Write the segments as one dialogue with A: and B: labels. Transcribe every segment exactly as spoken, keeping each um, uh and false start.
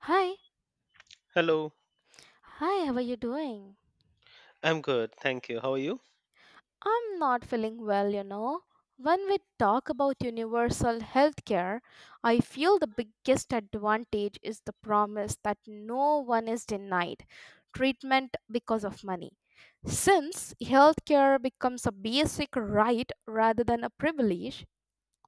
A: Hi,
B: Hello,
A: hi, how are you doing?
B: I'm good. Thank you. How are you?
A: I'm not feeling well, you know. When we talk about universal healthcare, I feel the biggest advantage is the promise that no one is denied treatment because of money. Since healthcare becomes a basic right rather than a privilege,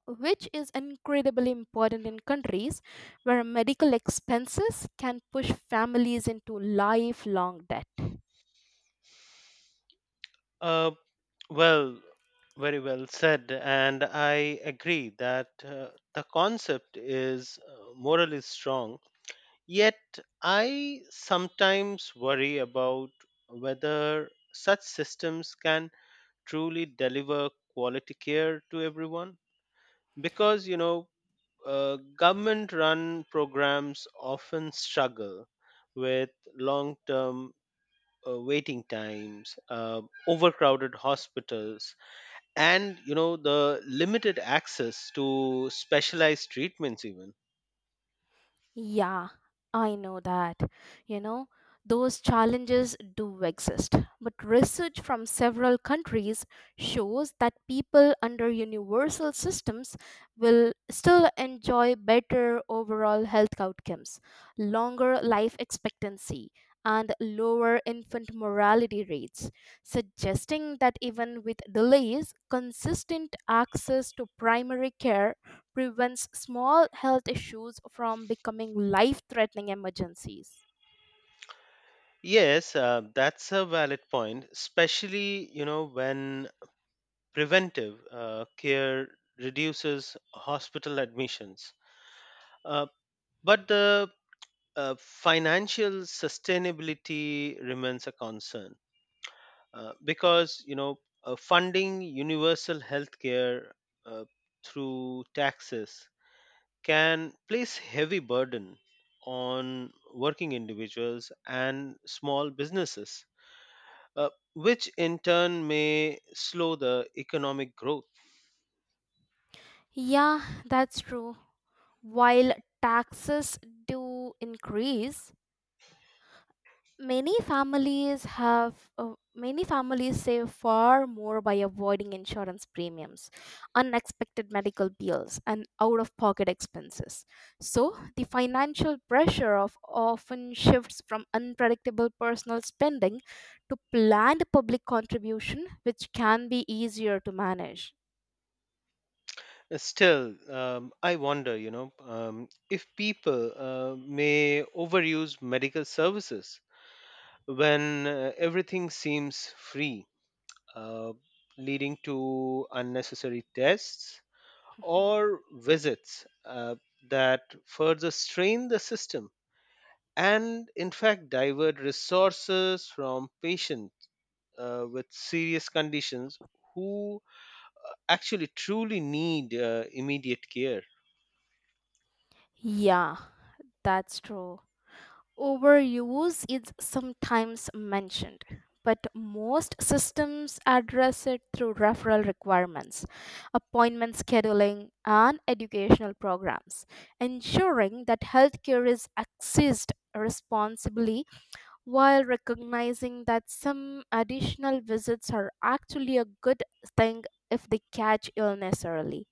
A: which is incredibly important in countries where medical expenses can push families into lifelong debt.
B: Uh, well, very well said. And I agree that uh, the concept is uh, morally strong. Yet, I sometimes worry about whether such systems can truly deliver quality care to everyone. Because, you know, uh, government run programs often struggle with long term uh, waiting times, uh, overcrowded hospitals, and you know the limited access to specialized treatments. Even.
A: Yeah, I know that. You know, those challenges do exist. But research from several countries shows that people under universal systems will still enjoy better overall health outcomes, longer life expectancy, and lower infant mortality rates, suggesting that even with delays, consistent access to primary care prevents small health issues from becoming life threatening emergencies.
B: Yes, uh, that's a valid point, especially you know when preventive uh, care reduces hospital admissions. Uh, but the uh, financial sustainability remains a concern, uh, because you know uh, funding universal health care uh, through taxes can place heavy burden on working individuals and small businesses, uh, which in turn may slow the economic growth.
A: Yeah, that's true. While taxes do increase, Many families have uh, many families save far more by avoiding insurance premiums, unexpected medical bills, and out-of-pocket expenses. So, the financial pressure of often shifts from unpredictable personal spending to planned public contribution, which can be easier to manage.
B: Uh, still, um, I wonder, you know um, if people uh, may overuse medical services when uh, everything seems free, uh, leading to unnecessary tests
A: Mhm.
B: or visits uh, that further strain the system and, in fact, divert resources from patients uh, with serious conditions who actually truly need uh, immediate care.
A: Yeah, that's true. Overuse is sometimes mentioned, but most systems address it through referral requirements, appointment scheduling, and educational programs, ensuring that healthcare is accessed responsibly while recognizing that some additional visits are actually a good thing if they catch illness early.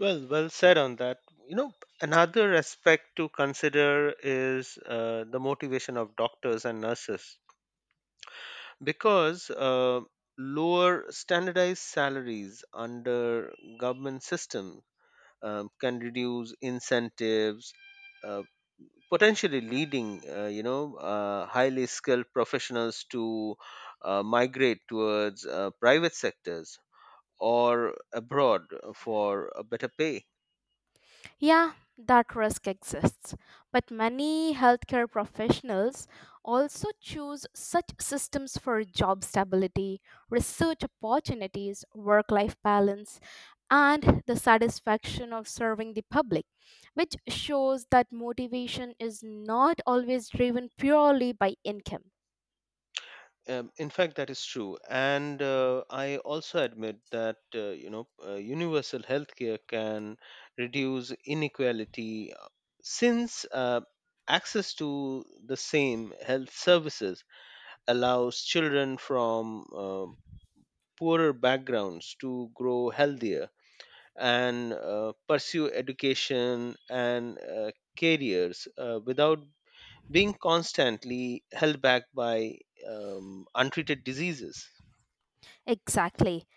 B: Well, well said on that. You know, Another aspect to consider is uh, the motivation of doctors and nurses because uh, lower standardized salaries under government system um, can reduce incentives, uh, potentially leading uh, you know uh, highly skilled professionals to uh, migrate towards uh, private sectors or abroad for a better pay.
A: Yeah, that risk exists. But many healthcare professionals also choose such systems for job stability, research opportunities, work life balance, and the satisfaction of serving the public, which shows that motivation is not always driven purely by income.
B: Um, in fact, that is true, and uh, I also admit that uh, you know uh, universal healthcare can reduce inequality, uh, since uh, access to the same health services allows children from uh, poorer backgrounds to grow healthier and uh, pursue education and uh, careers uh, without being constantly held back by um, untreated diseases.
A: Exactly.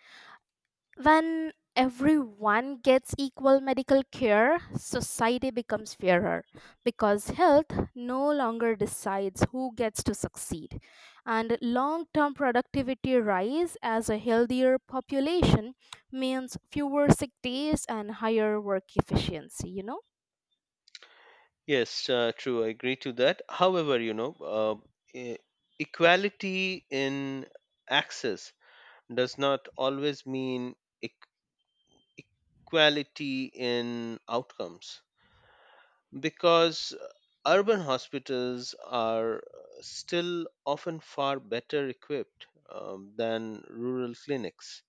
A: When everyone gets equal medical care, society becomes fairer because health no longer decides who gets to succeed. And long term productivity rise as a healthier population means fewer sick days and higher work efficiency, you know?
B: Yes, uh, true. I agree to that. However, you know, uh, e- equality in access does not always mean eq- equality in outcomes because uh, urban hospitals are uh, still often far better equipped, um, than rural clinics,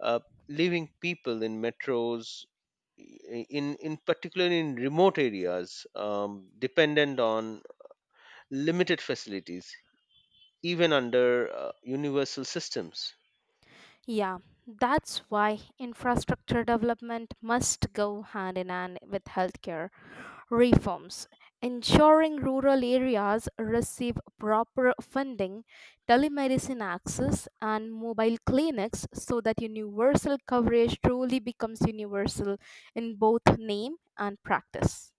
B: uh, leaving people in metros. i- In, in particular in remote areas, um, dependent on limited facilities, even under uh, universal systems.
A: Yeah, that's why infrastructure development must go hand in hand with healthcare reforms. Ensuring rural areas receive proper funding, telemedicine access, and mobile clinics so that universal coverage truly becomes universal in both name and practice.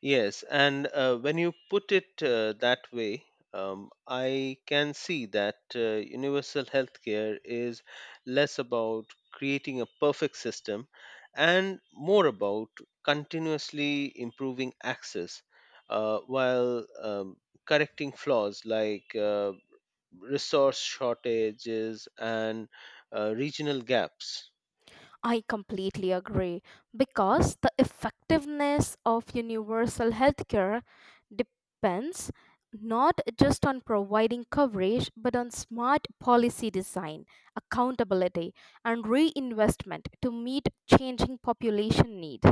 B: Yes, and uh, when you put it uh, that way, um, I can see that uh, universal healthcare is less about creating a perfect system and more about continuously improving access, uh, while um, correcting flaws like uh, resource shortages and uh, regional gaps.
A: I completely agree because the effectiveness of universal healthcare depends not just on providing coverage but on smart policy design, accountability, and reinvestment to meet changing population need.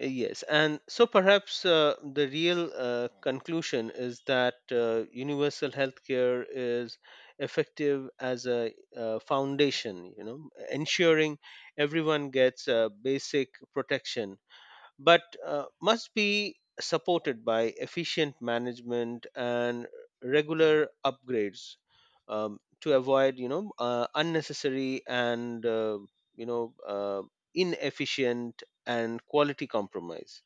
B: Uh, Yes, and so perhaps uh, the real uh, conclusion is that uh, universal healthcare is effective as a uh, foundation, you know, ensuring everyone gets uh, basic protection but uh, must be supported by efficient management and regular upgrades, um, to avoid you know uh, unnecessary and uh, you know uh, inefficient and quality compromise.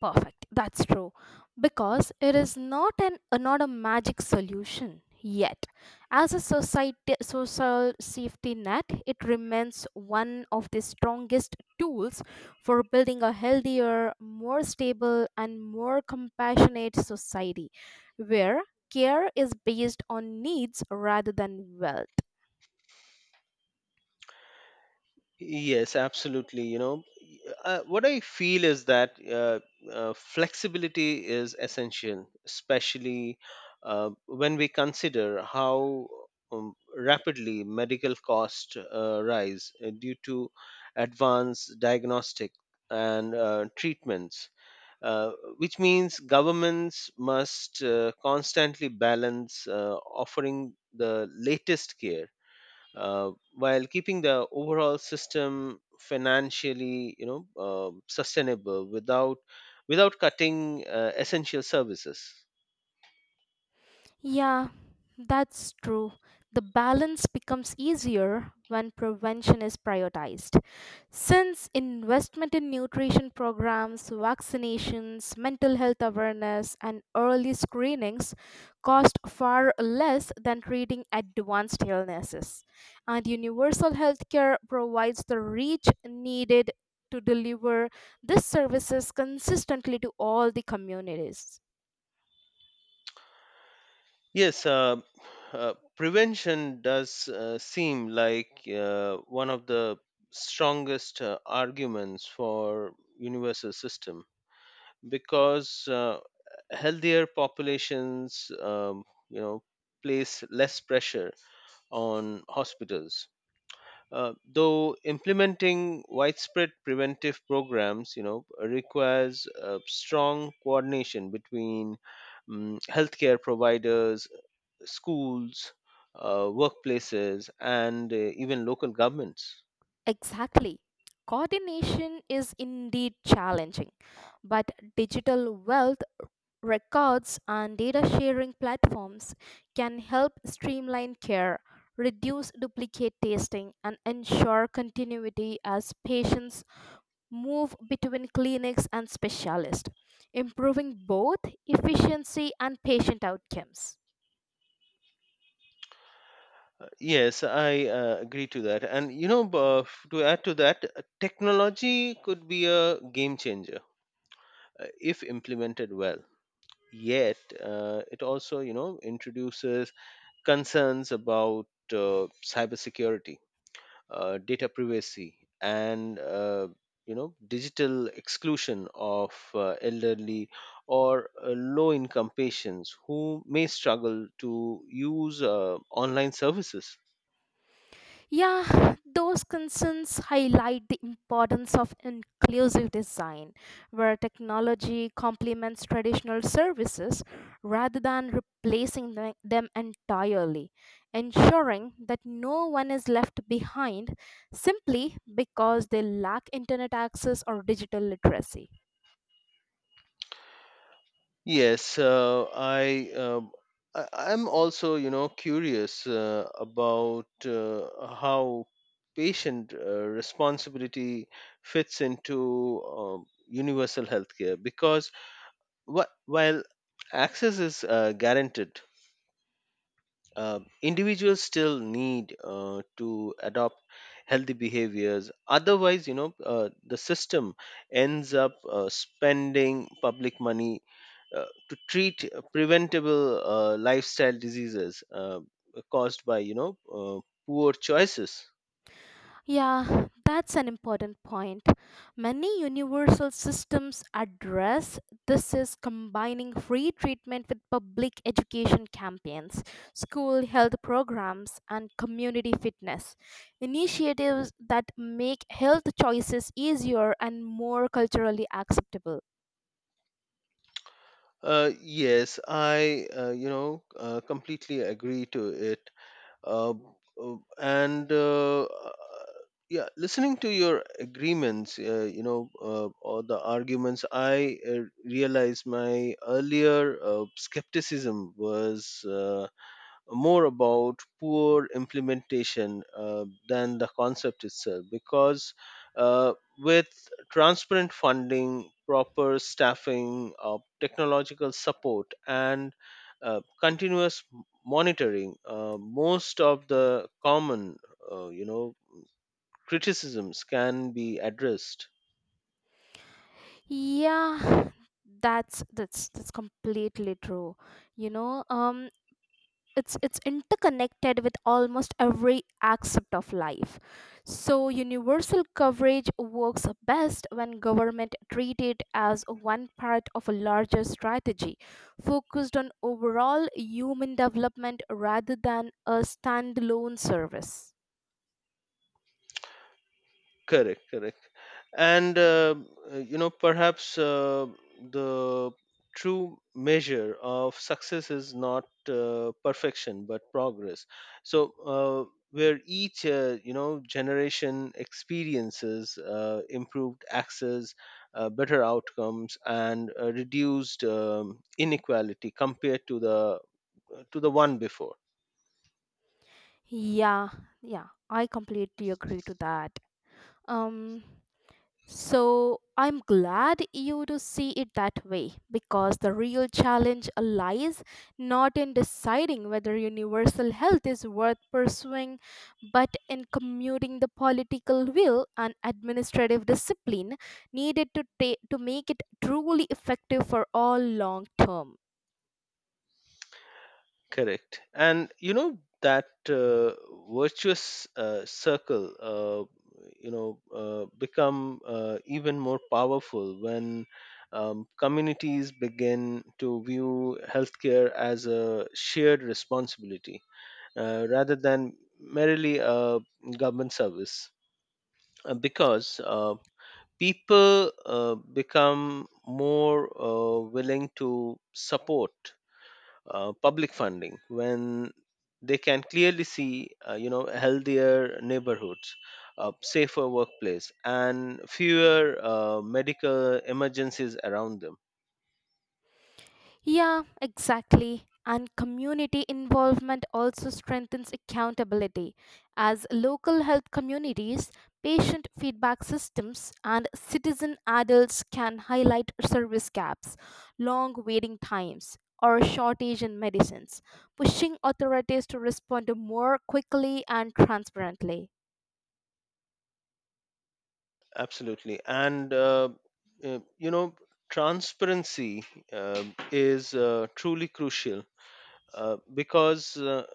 A: Perfect. That's true. Because it is not an uh, not a magic solution yet. As a society social safety net, it remains one of the strongest tools for building a healthier, more stable and more compassionate society where care is based on needs rather than wealth.
B: Yes, absolutely. You know, uh, what I feel is that uh, uh, flexibility is essential, especially uh, when we consider how um, rapidly medical costs uh, rise uh, due to advanced diagnostic and uh, treatments. Uh, which means governments must uh, constantly balance uh, offering the latest care uh, while keeping the overall system financially, you know um sustainable without without cutting uh, essential services.
A: Yeah, that's true. The balance becomes easier when prevention is prioritized. Since investment in nutrition programs, vaccinations, mental health awareness, and early screenings cost far less than treating advanced illnesses, and universal healthcare provides the reach needed to deliver these services consistently to all the communities.
B: Yes, uh, uh, prevention does uh, seem like uh, one of the strongest uh, arguments for universal system because uh, healthier populations um, you know place less pressure on hospitals. Uh, though implementing widespread preventive programs, you know, requires uh, strong coordination between um, healthcare providers, schools, uh, workplaces, and uh, even local governments.
A: Exactly. Coordination is indeed challenging, but digital wealth records and data sharing platforms can help streamline care, reduce duplicate testing, and ensure continuity as patients move between clinics and specialists, improving both efficiency and patient outcomes.
B: Uh, Yes, I uh, agree to that. And you know, uh, f- to add to that, uh, technology could be a game changer uh, if implemented well. Yet, uh, it also, you know, introduces concerns about uh, cybersecurity, uh, data privacy, and uh, you know digital exclusion of uh, elderly or uh, low income patients who may struggle to use uh, online services.
A: Yeah, those concerns highlight the importance of inclusive design, where technology complements traditional services rather than replacing the- them entirely, ensuring that no one is left behind simply because they lack internet access or digital literacy.
B: Yes, uh, I, um I I'm also you know curious uh, about uh, how patient uh, responsibility fits into um, universal healthcare because wh- while access is uh, guaranteed, uh, individuals still need uh, to adopt healthy behaviors otherwise you know uh, the system ends up uh, spending public money uh, to treat uh, preventable uh, lifestyle diseases uh, caused by you know uh, poor choices.
A: Yeah, that's an important point. Many universal systems address this is combining free treatment with public education campaigns, school health programs, and community fitness. Initiatives that make health choices easier and more culturally acceptable.
B: Uh, yes I uh, you know uh, completely agree to it. Uh, uh, and uh, uh, Yeah, listening to your agreements uh, you know uh, or the arguments I uh, realized my earlier uh, skepticism was uh, more about poor implementation uh, than the concept itself because uh, with transparent funding, proper staffing, uh, technological support and uh, continuous m- monitoring, uh, most of the common uh, you know criticisms can be addressed.
A: Yeah, that's that's that's completely true. You know, um it's it's interconnected with almost every aspect of life so universal coverage works best when government treat it as one part of a larger strategy focused on overall human development rather than a standalone service.
B: Correct correct and um, uh, you know perhaps uh, the true measure of success is not uh, perfection but progress. So uh, where each uh, you know generation experiences uh, improved access, uh, better outcomes and uh, reduced um, inequality compared to the to the one before.
A: Yeah yeah I completely agree to that. um So I'm glad you do see it that way because the real challenge lies not in deciding whether universal health is worth pursuing, but in commuting the political will and administrative discipline needed to ta- to make it truly effective for all long term.
B: Correct. And you know that uh, virtuous uh, circle, uh, you know, uh, become uh, even more powerful when um, communities begin to view healthcare as a shared responsibility, uh, rather than merely a government service, uh, because uh, people uh, become more uh, willing to support uh, public funding when they can clearly see uh, you know healthier neighborhoods, a safer workplace and fewer uh, medical emergencies around them.
A: Yeah, exactly. And community involvement also strengthens accountability. As local health communities, patient feedback systems, and citizen adults can highlight service gaps, long waiting times, or shortage in medicines, pushing authorities to respond more quickly and transparently.
B: Absolutely, and uh, uh, you know transparency uh, is uh, truly crucial, uh, because uh,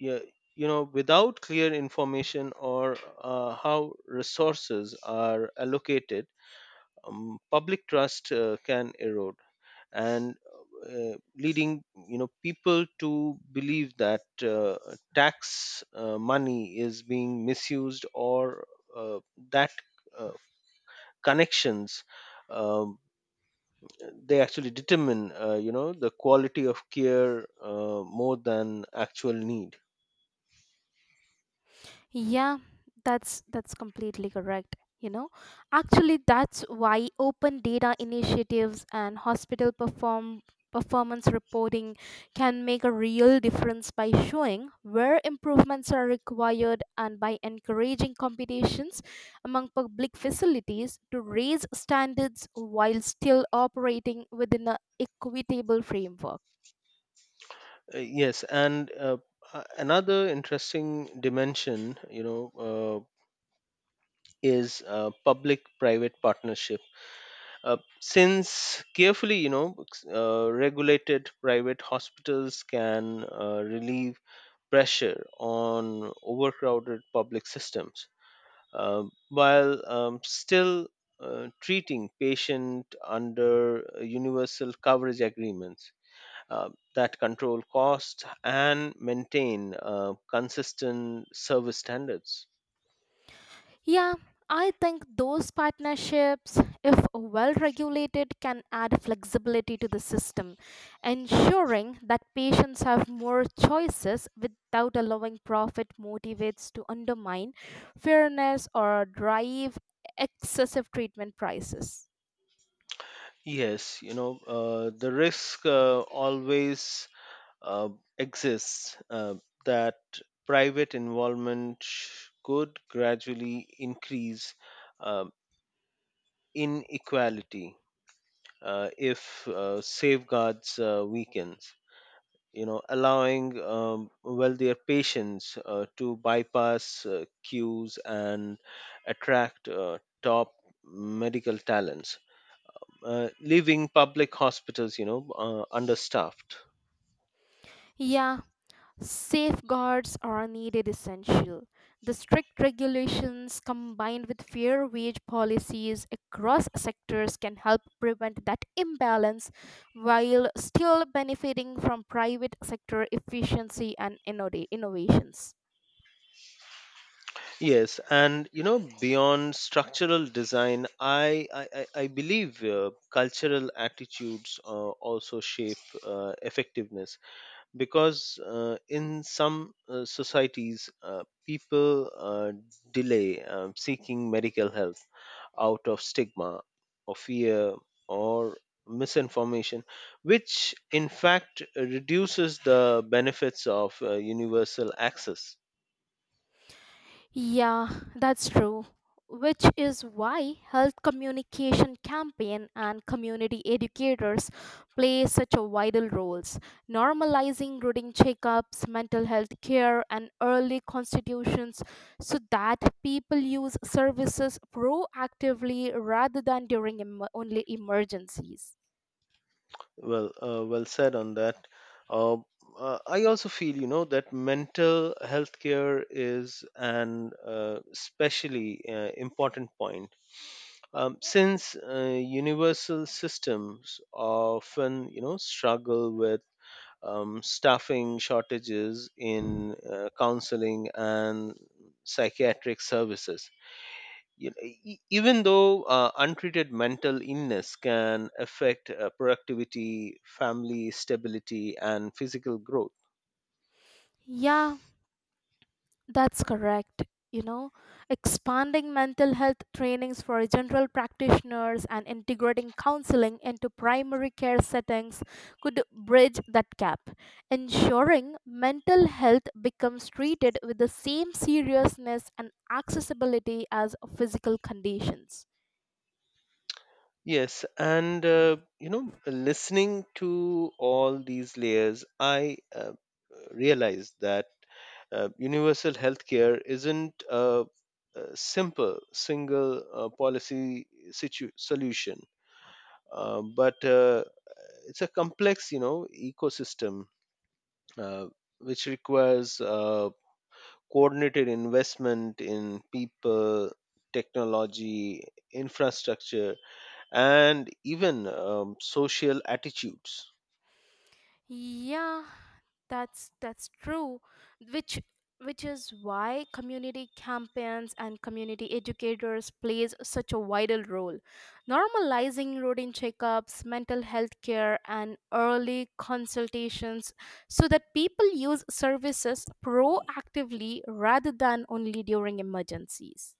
B: yeah, you know without clear information or uh, how resources are allocated, um, public trust uh, can erode and, uh, leading you know people to believe that uh, tax uh, money is being misused or uh, that uh, connections, um, they actually determine uh, you know the quality of care uh, more than actual need.
A: Yeah, that's that's completely correct. You know, actually, that's why open data initiatives and hospital perform performance reporting can make a real difference by showing where improvements are required and by encouraging competitions among public facilities to raise standards while still operating within an equitable framework.
B: Uh, yes, and uh, a- another interesting dimension, you know, uh, is uh, public-private partnership. Uh, since carefully, you know, ex- uh, regulated private hospitals can uh, relieve pressure on overcrowded public systems, uh, while um, still uh, treating patient under uh, universal coverage agreements uh, that control costs and maintain uh, consistent service standards.
A: Yeah, I think those partnerships, if well regulated, can add flexibility to the system, ensuring that patients have more choices without allowing profit motivates to undermine fairness or drive excessive treatment prices.
B: Yes, you know, uh, the risk uh, always uh, exists uh, that private involvement sh- could gradually increase uh, inequality uh, if uh, safeguards uh, weakens, you know allowing um, wealthier patients uh, to bypass uh, queues and attract uh, top medical talents, uh, leaving public hospitals you know uh, understaffed.
A: Yeah, safeguards are needed essential. The strict regulations combined with fair wage policies across sectors can help prevent that imbalance while still benefiting from private sector efficiency and innova- innovations.
B: Yes, and you know beyond structural design, i i, I I believe uh, cultural attitudes uh, also shape uh, effectiveness because uh, in some uh, societies, uh, people uh, delay, um, seeking medical help out of stigma or fear or misinformation, which in fact reduces the benefits of uh, universal access.
A: Yeah, that's true. Which is why health communication campaign and community educators play such a vital roles. Normalizing routine checkups, mental health care, and early constitutions so that people use services proactively rather than during em- only emergencies.
B: Well uh, well said on that. uh, uh, I also feel you know that mental health care is an uh, especially uh, important point. Um, since uh, universal systems often, you know, struggle with um, staffing shortages in uh, counseling and psychiatric services. You know, e- e, even though uh, untreated mental illness can affect uh, productivity, family stability, and physical growth.
A: Yeah, that's correct. You know, expanding mental health trainings for general practitioners and integrating counseling into primary care settings could bridge that gap, ensuring mental health becomes treated with the same seriousness and accessibility as physical conditions.
B: Yes, and uh, you know, listening to all these layers, I uh, realized that uh, universal healthcare isn't a, a simple single uh, policy situ- solution, uh, but uh, it's a complex, you know, ecosystem uh, which requires uh, coordinated investment in people, technology, infrastructure, and even um, social attitudes.
A: Yeah, that's that's true. Which which is why community campaigns and community educators plays such a vital role. Normalizing routine checkups, mental health care and early consultations so that people use services proactively rather than only during emergencies.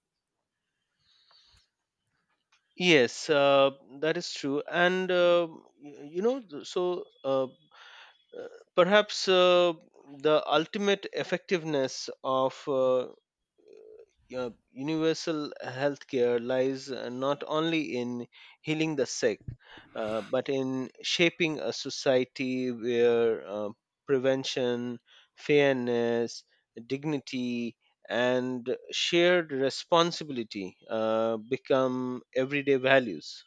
B: Yes, uh, that is true. And, uh, y- you know, th- so uh, uh, perhaps uh, the ultimate effectiveness of uh, uh, universal healthcare lies uh, not only in healing the sick, uh, but in shaping a society where uh, prevention, fairness, dignity, and shared responsibility uh, become everyday values.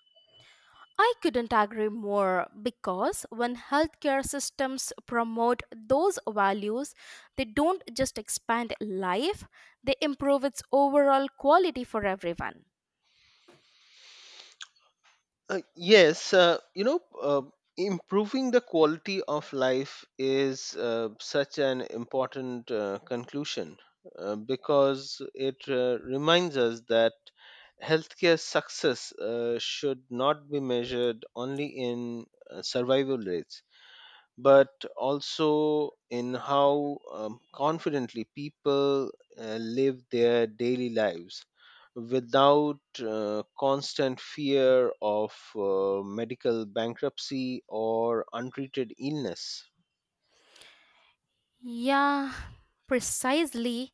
A: I couldn't agree more because when healthcare systems promote those values, they don't just expand life, they improve its overall quality for everyone.
B: Uh, yes, uh, you know, uh, improving the quality of life is uh, such an important uh, conclusion, uh, because it uh, reminds us that healthcare success uh, should not be measured only in uh, survival rates but also in how um, confidently people uh, live their daily lives without uh, constant fear of uh, medical bankruptcy or untreated illness.
A: Yeah, precisely.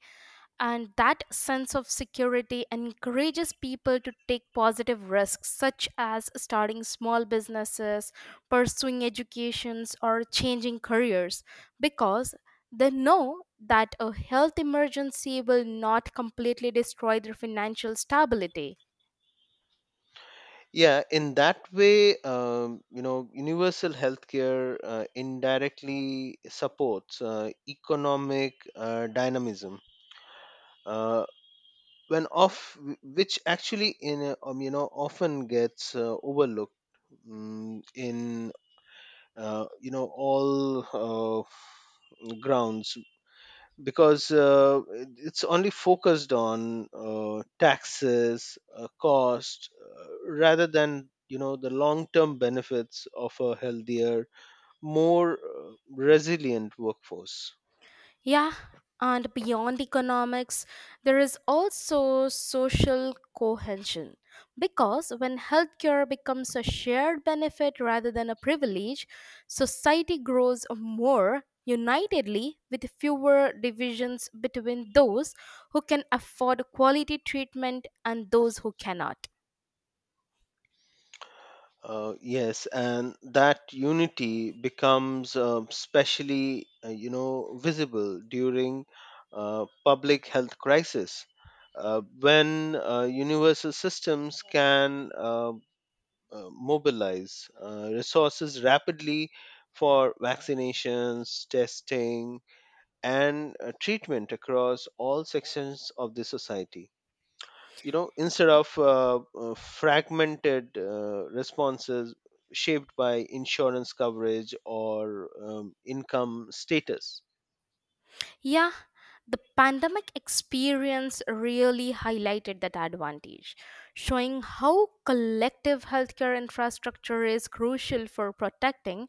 A: And that sense of security encourages people to take positive risks such as starting small businesses pursuing educations or changing careers because they know that a health emergency will not completely destroy their financial stability.
B: Yeah, in that way, um, you know, universal healthcare uh, indirectly supports uh, economic uh, dynamism. Uh, when off which actually in a, um, you know often gets uh, overlooked, mm, in uh, you know all uh, grounds because uh, it- it's only focused on uh, taxes uh, cost, uh, rather than you know the long term benefits of a healthier more uh, resilient workforce.
A: Yeah, and beyond economics, there is also social cohesion. Because when healthcare becomes a shared benefit rather than a privilege, society grows more unitedly with fewer divisions between those who can afford quality treatment and those who cannot.
B: Uh, yes, and that unity becomes uh, specially, uh, you know, visible during uh, public health crisis, uh, when uh, universal systems can uh, uh, mobilize uh, resources rapidly for vaccinations, testing, and uh, treatment across all sections of the society, you know instead of uh, uh, fragmented uh, responses shaped by insurance coverage or um, income status.
A: Yeah, the pandemic experience really highlighted that advantage, showing how collective healthcare infrastructure is crucial for protecting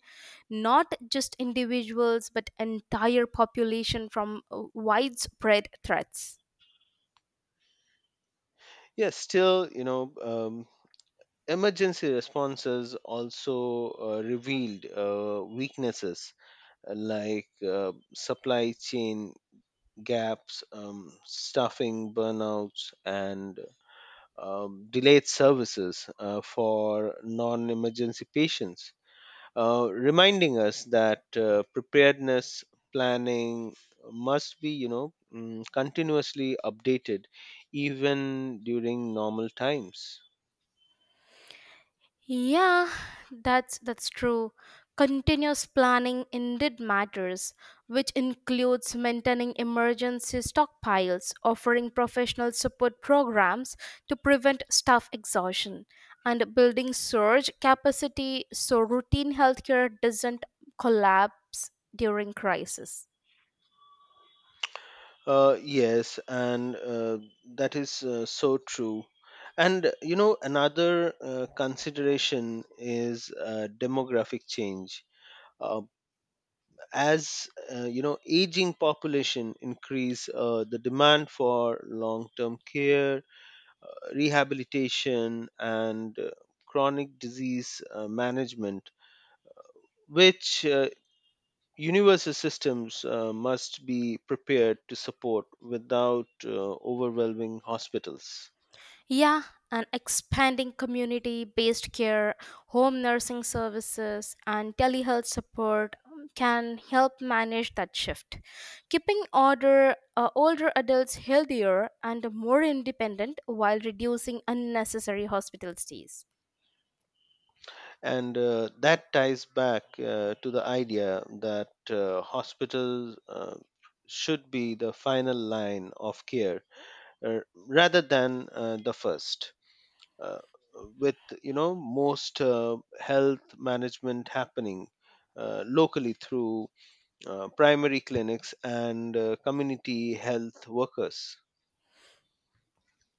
A: not just individuals but entire population from uh, widespread threats.
B: Yes, still, you know um, emergency responses also uh, revealed uh, weaknesses uh, like uh, supply chain gaps, um, staffing burnouts and um, delayed services uh, for non-emergency patients, uh, reminding us that uh, preparedness planning must be you know mm, continuously updated even during normal times.
A: Yeah, that's that's true. Continuous planning indeed matters, which includes maintaining emergency stockpiles, offering professional support programs to prevent staff exhaustion, and building surge capacity so routine healthcare doesn't collapse during crisis.
B: Uh, yes, and uh, that is uh, so true. And you know another uh, consideration is uh, demographic change, uh, as uh, you know aging population increase uh, the demand for long term care, rehabilitation and uh, chronic disease uh, management, which uh, universal systems uh, must be prepared to support without uh, overwhelming hospitals.
A: Yeah, and expanding community based care, home nursing services, and telehealth support um, can help manage that shift. Keeping older, uh, older adults healthier and more independent while reducing unnecessary hospital stays.
B: And uh, that ties back uh, to the idea that uh, hospitals uh, should be the final line of care, uh, rather than uh, the first. uh, with you know most uh, health management happening uh, locally through uh, primary clinics and uh, community health workers.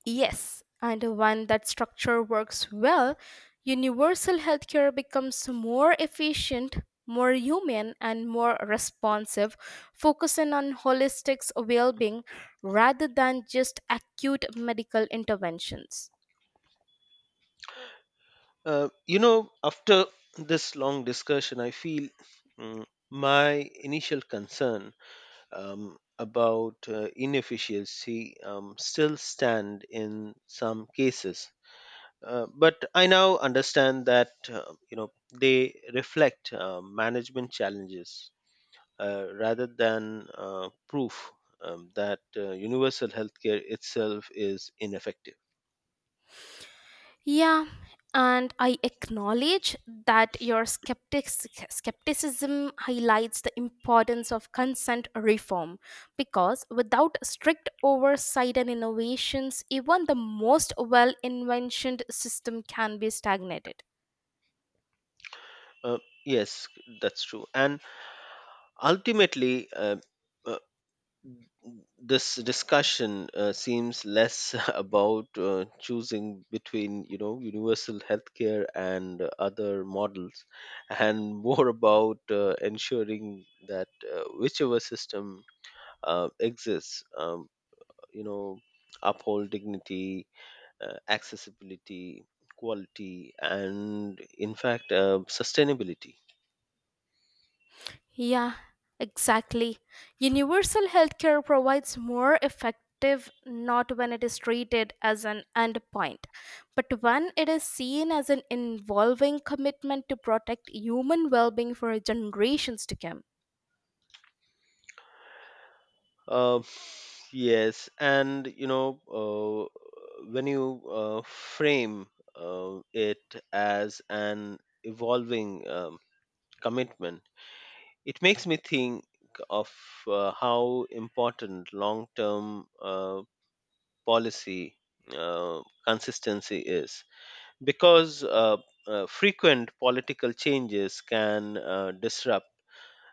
A: Yes, and when that structure works well, universal healthcare becomes more efficient, more human, and more responsive, focusing on holistic well being rather than just acute medical interventions.
B: Uh, you know, after this long discussion, I feel, mm, my initial concern, um, about uh, inefficiency, um, still stand in some cases. Uh, but I now understand that uh, you know they reflect uh, management challenges, uh, rather than uh, proof, um, that uh, universal healthcare itself is ineffective.
A: Yeah, and I acknowledge that your skeptic- skepticism highlights the importance of consent reform because without strict oversight and innovations, even the most well inventioned system can be stagnated.
B: Uh, yes, that's true, and ultimately. Uh, uh, this discussion uh, seems less about uh, choosing between you know universal healthcare and uh, other models and more about uh, ensuring that uh, whichever system uh, exists, um, you know uphold dignity, uh, accessibility, quality and in fact uh, sustainability.
A: Yeah, exactly. Universal healthcare provides more effective not when it is treated as an endpoint, but when it is seen as an involving commitment to protect human well being for generations to come.
B: uh, Yes, and you know, uh, when you uh, frame uh, it as an evolving, um, commitment, it makes me think of uh, how important long term uh, policy uh, consistency is because uh, uh, frequent political changes can uh, disrupt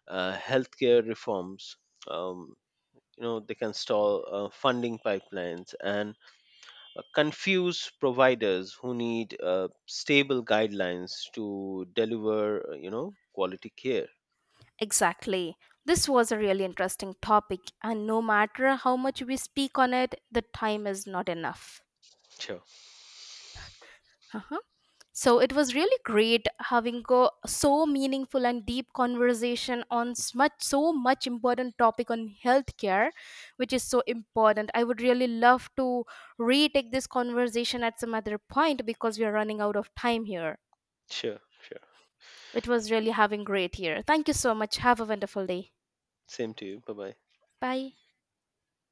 B: uh, healthcare reforms. Um, you know, they can stall uh, funding pipelines and uh, confuse providers who need uh, stable guidelines to deliver uh, you know quality care.
A: Exactly. This was a really interesting topic, and no matter how much we speak on it, the time is not enough.
B: Sure.
A: Uh-huh. So it was really great having a so meaningful and deep conversation on s- much so much important topic on healthcare, which is so important. I would really love to retake this conversation at some other point because we are running out of time here.
B: Sure. Sure.
A: It was really having great here. Thank you so much. Have a wonderful day.
B: Same to you. Bye bye.
A: Bye.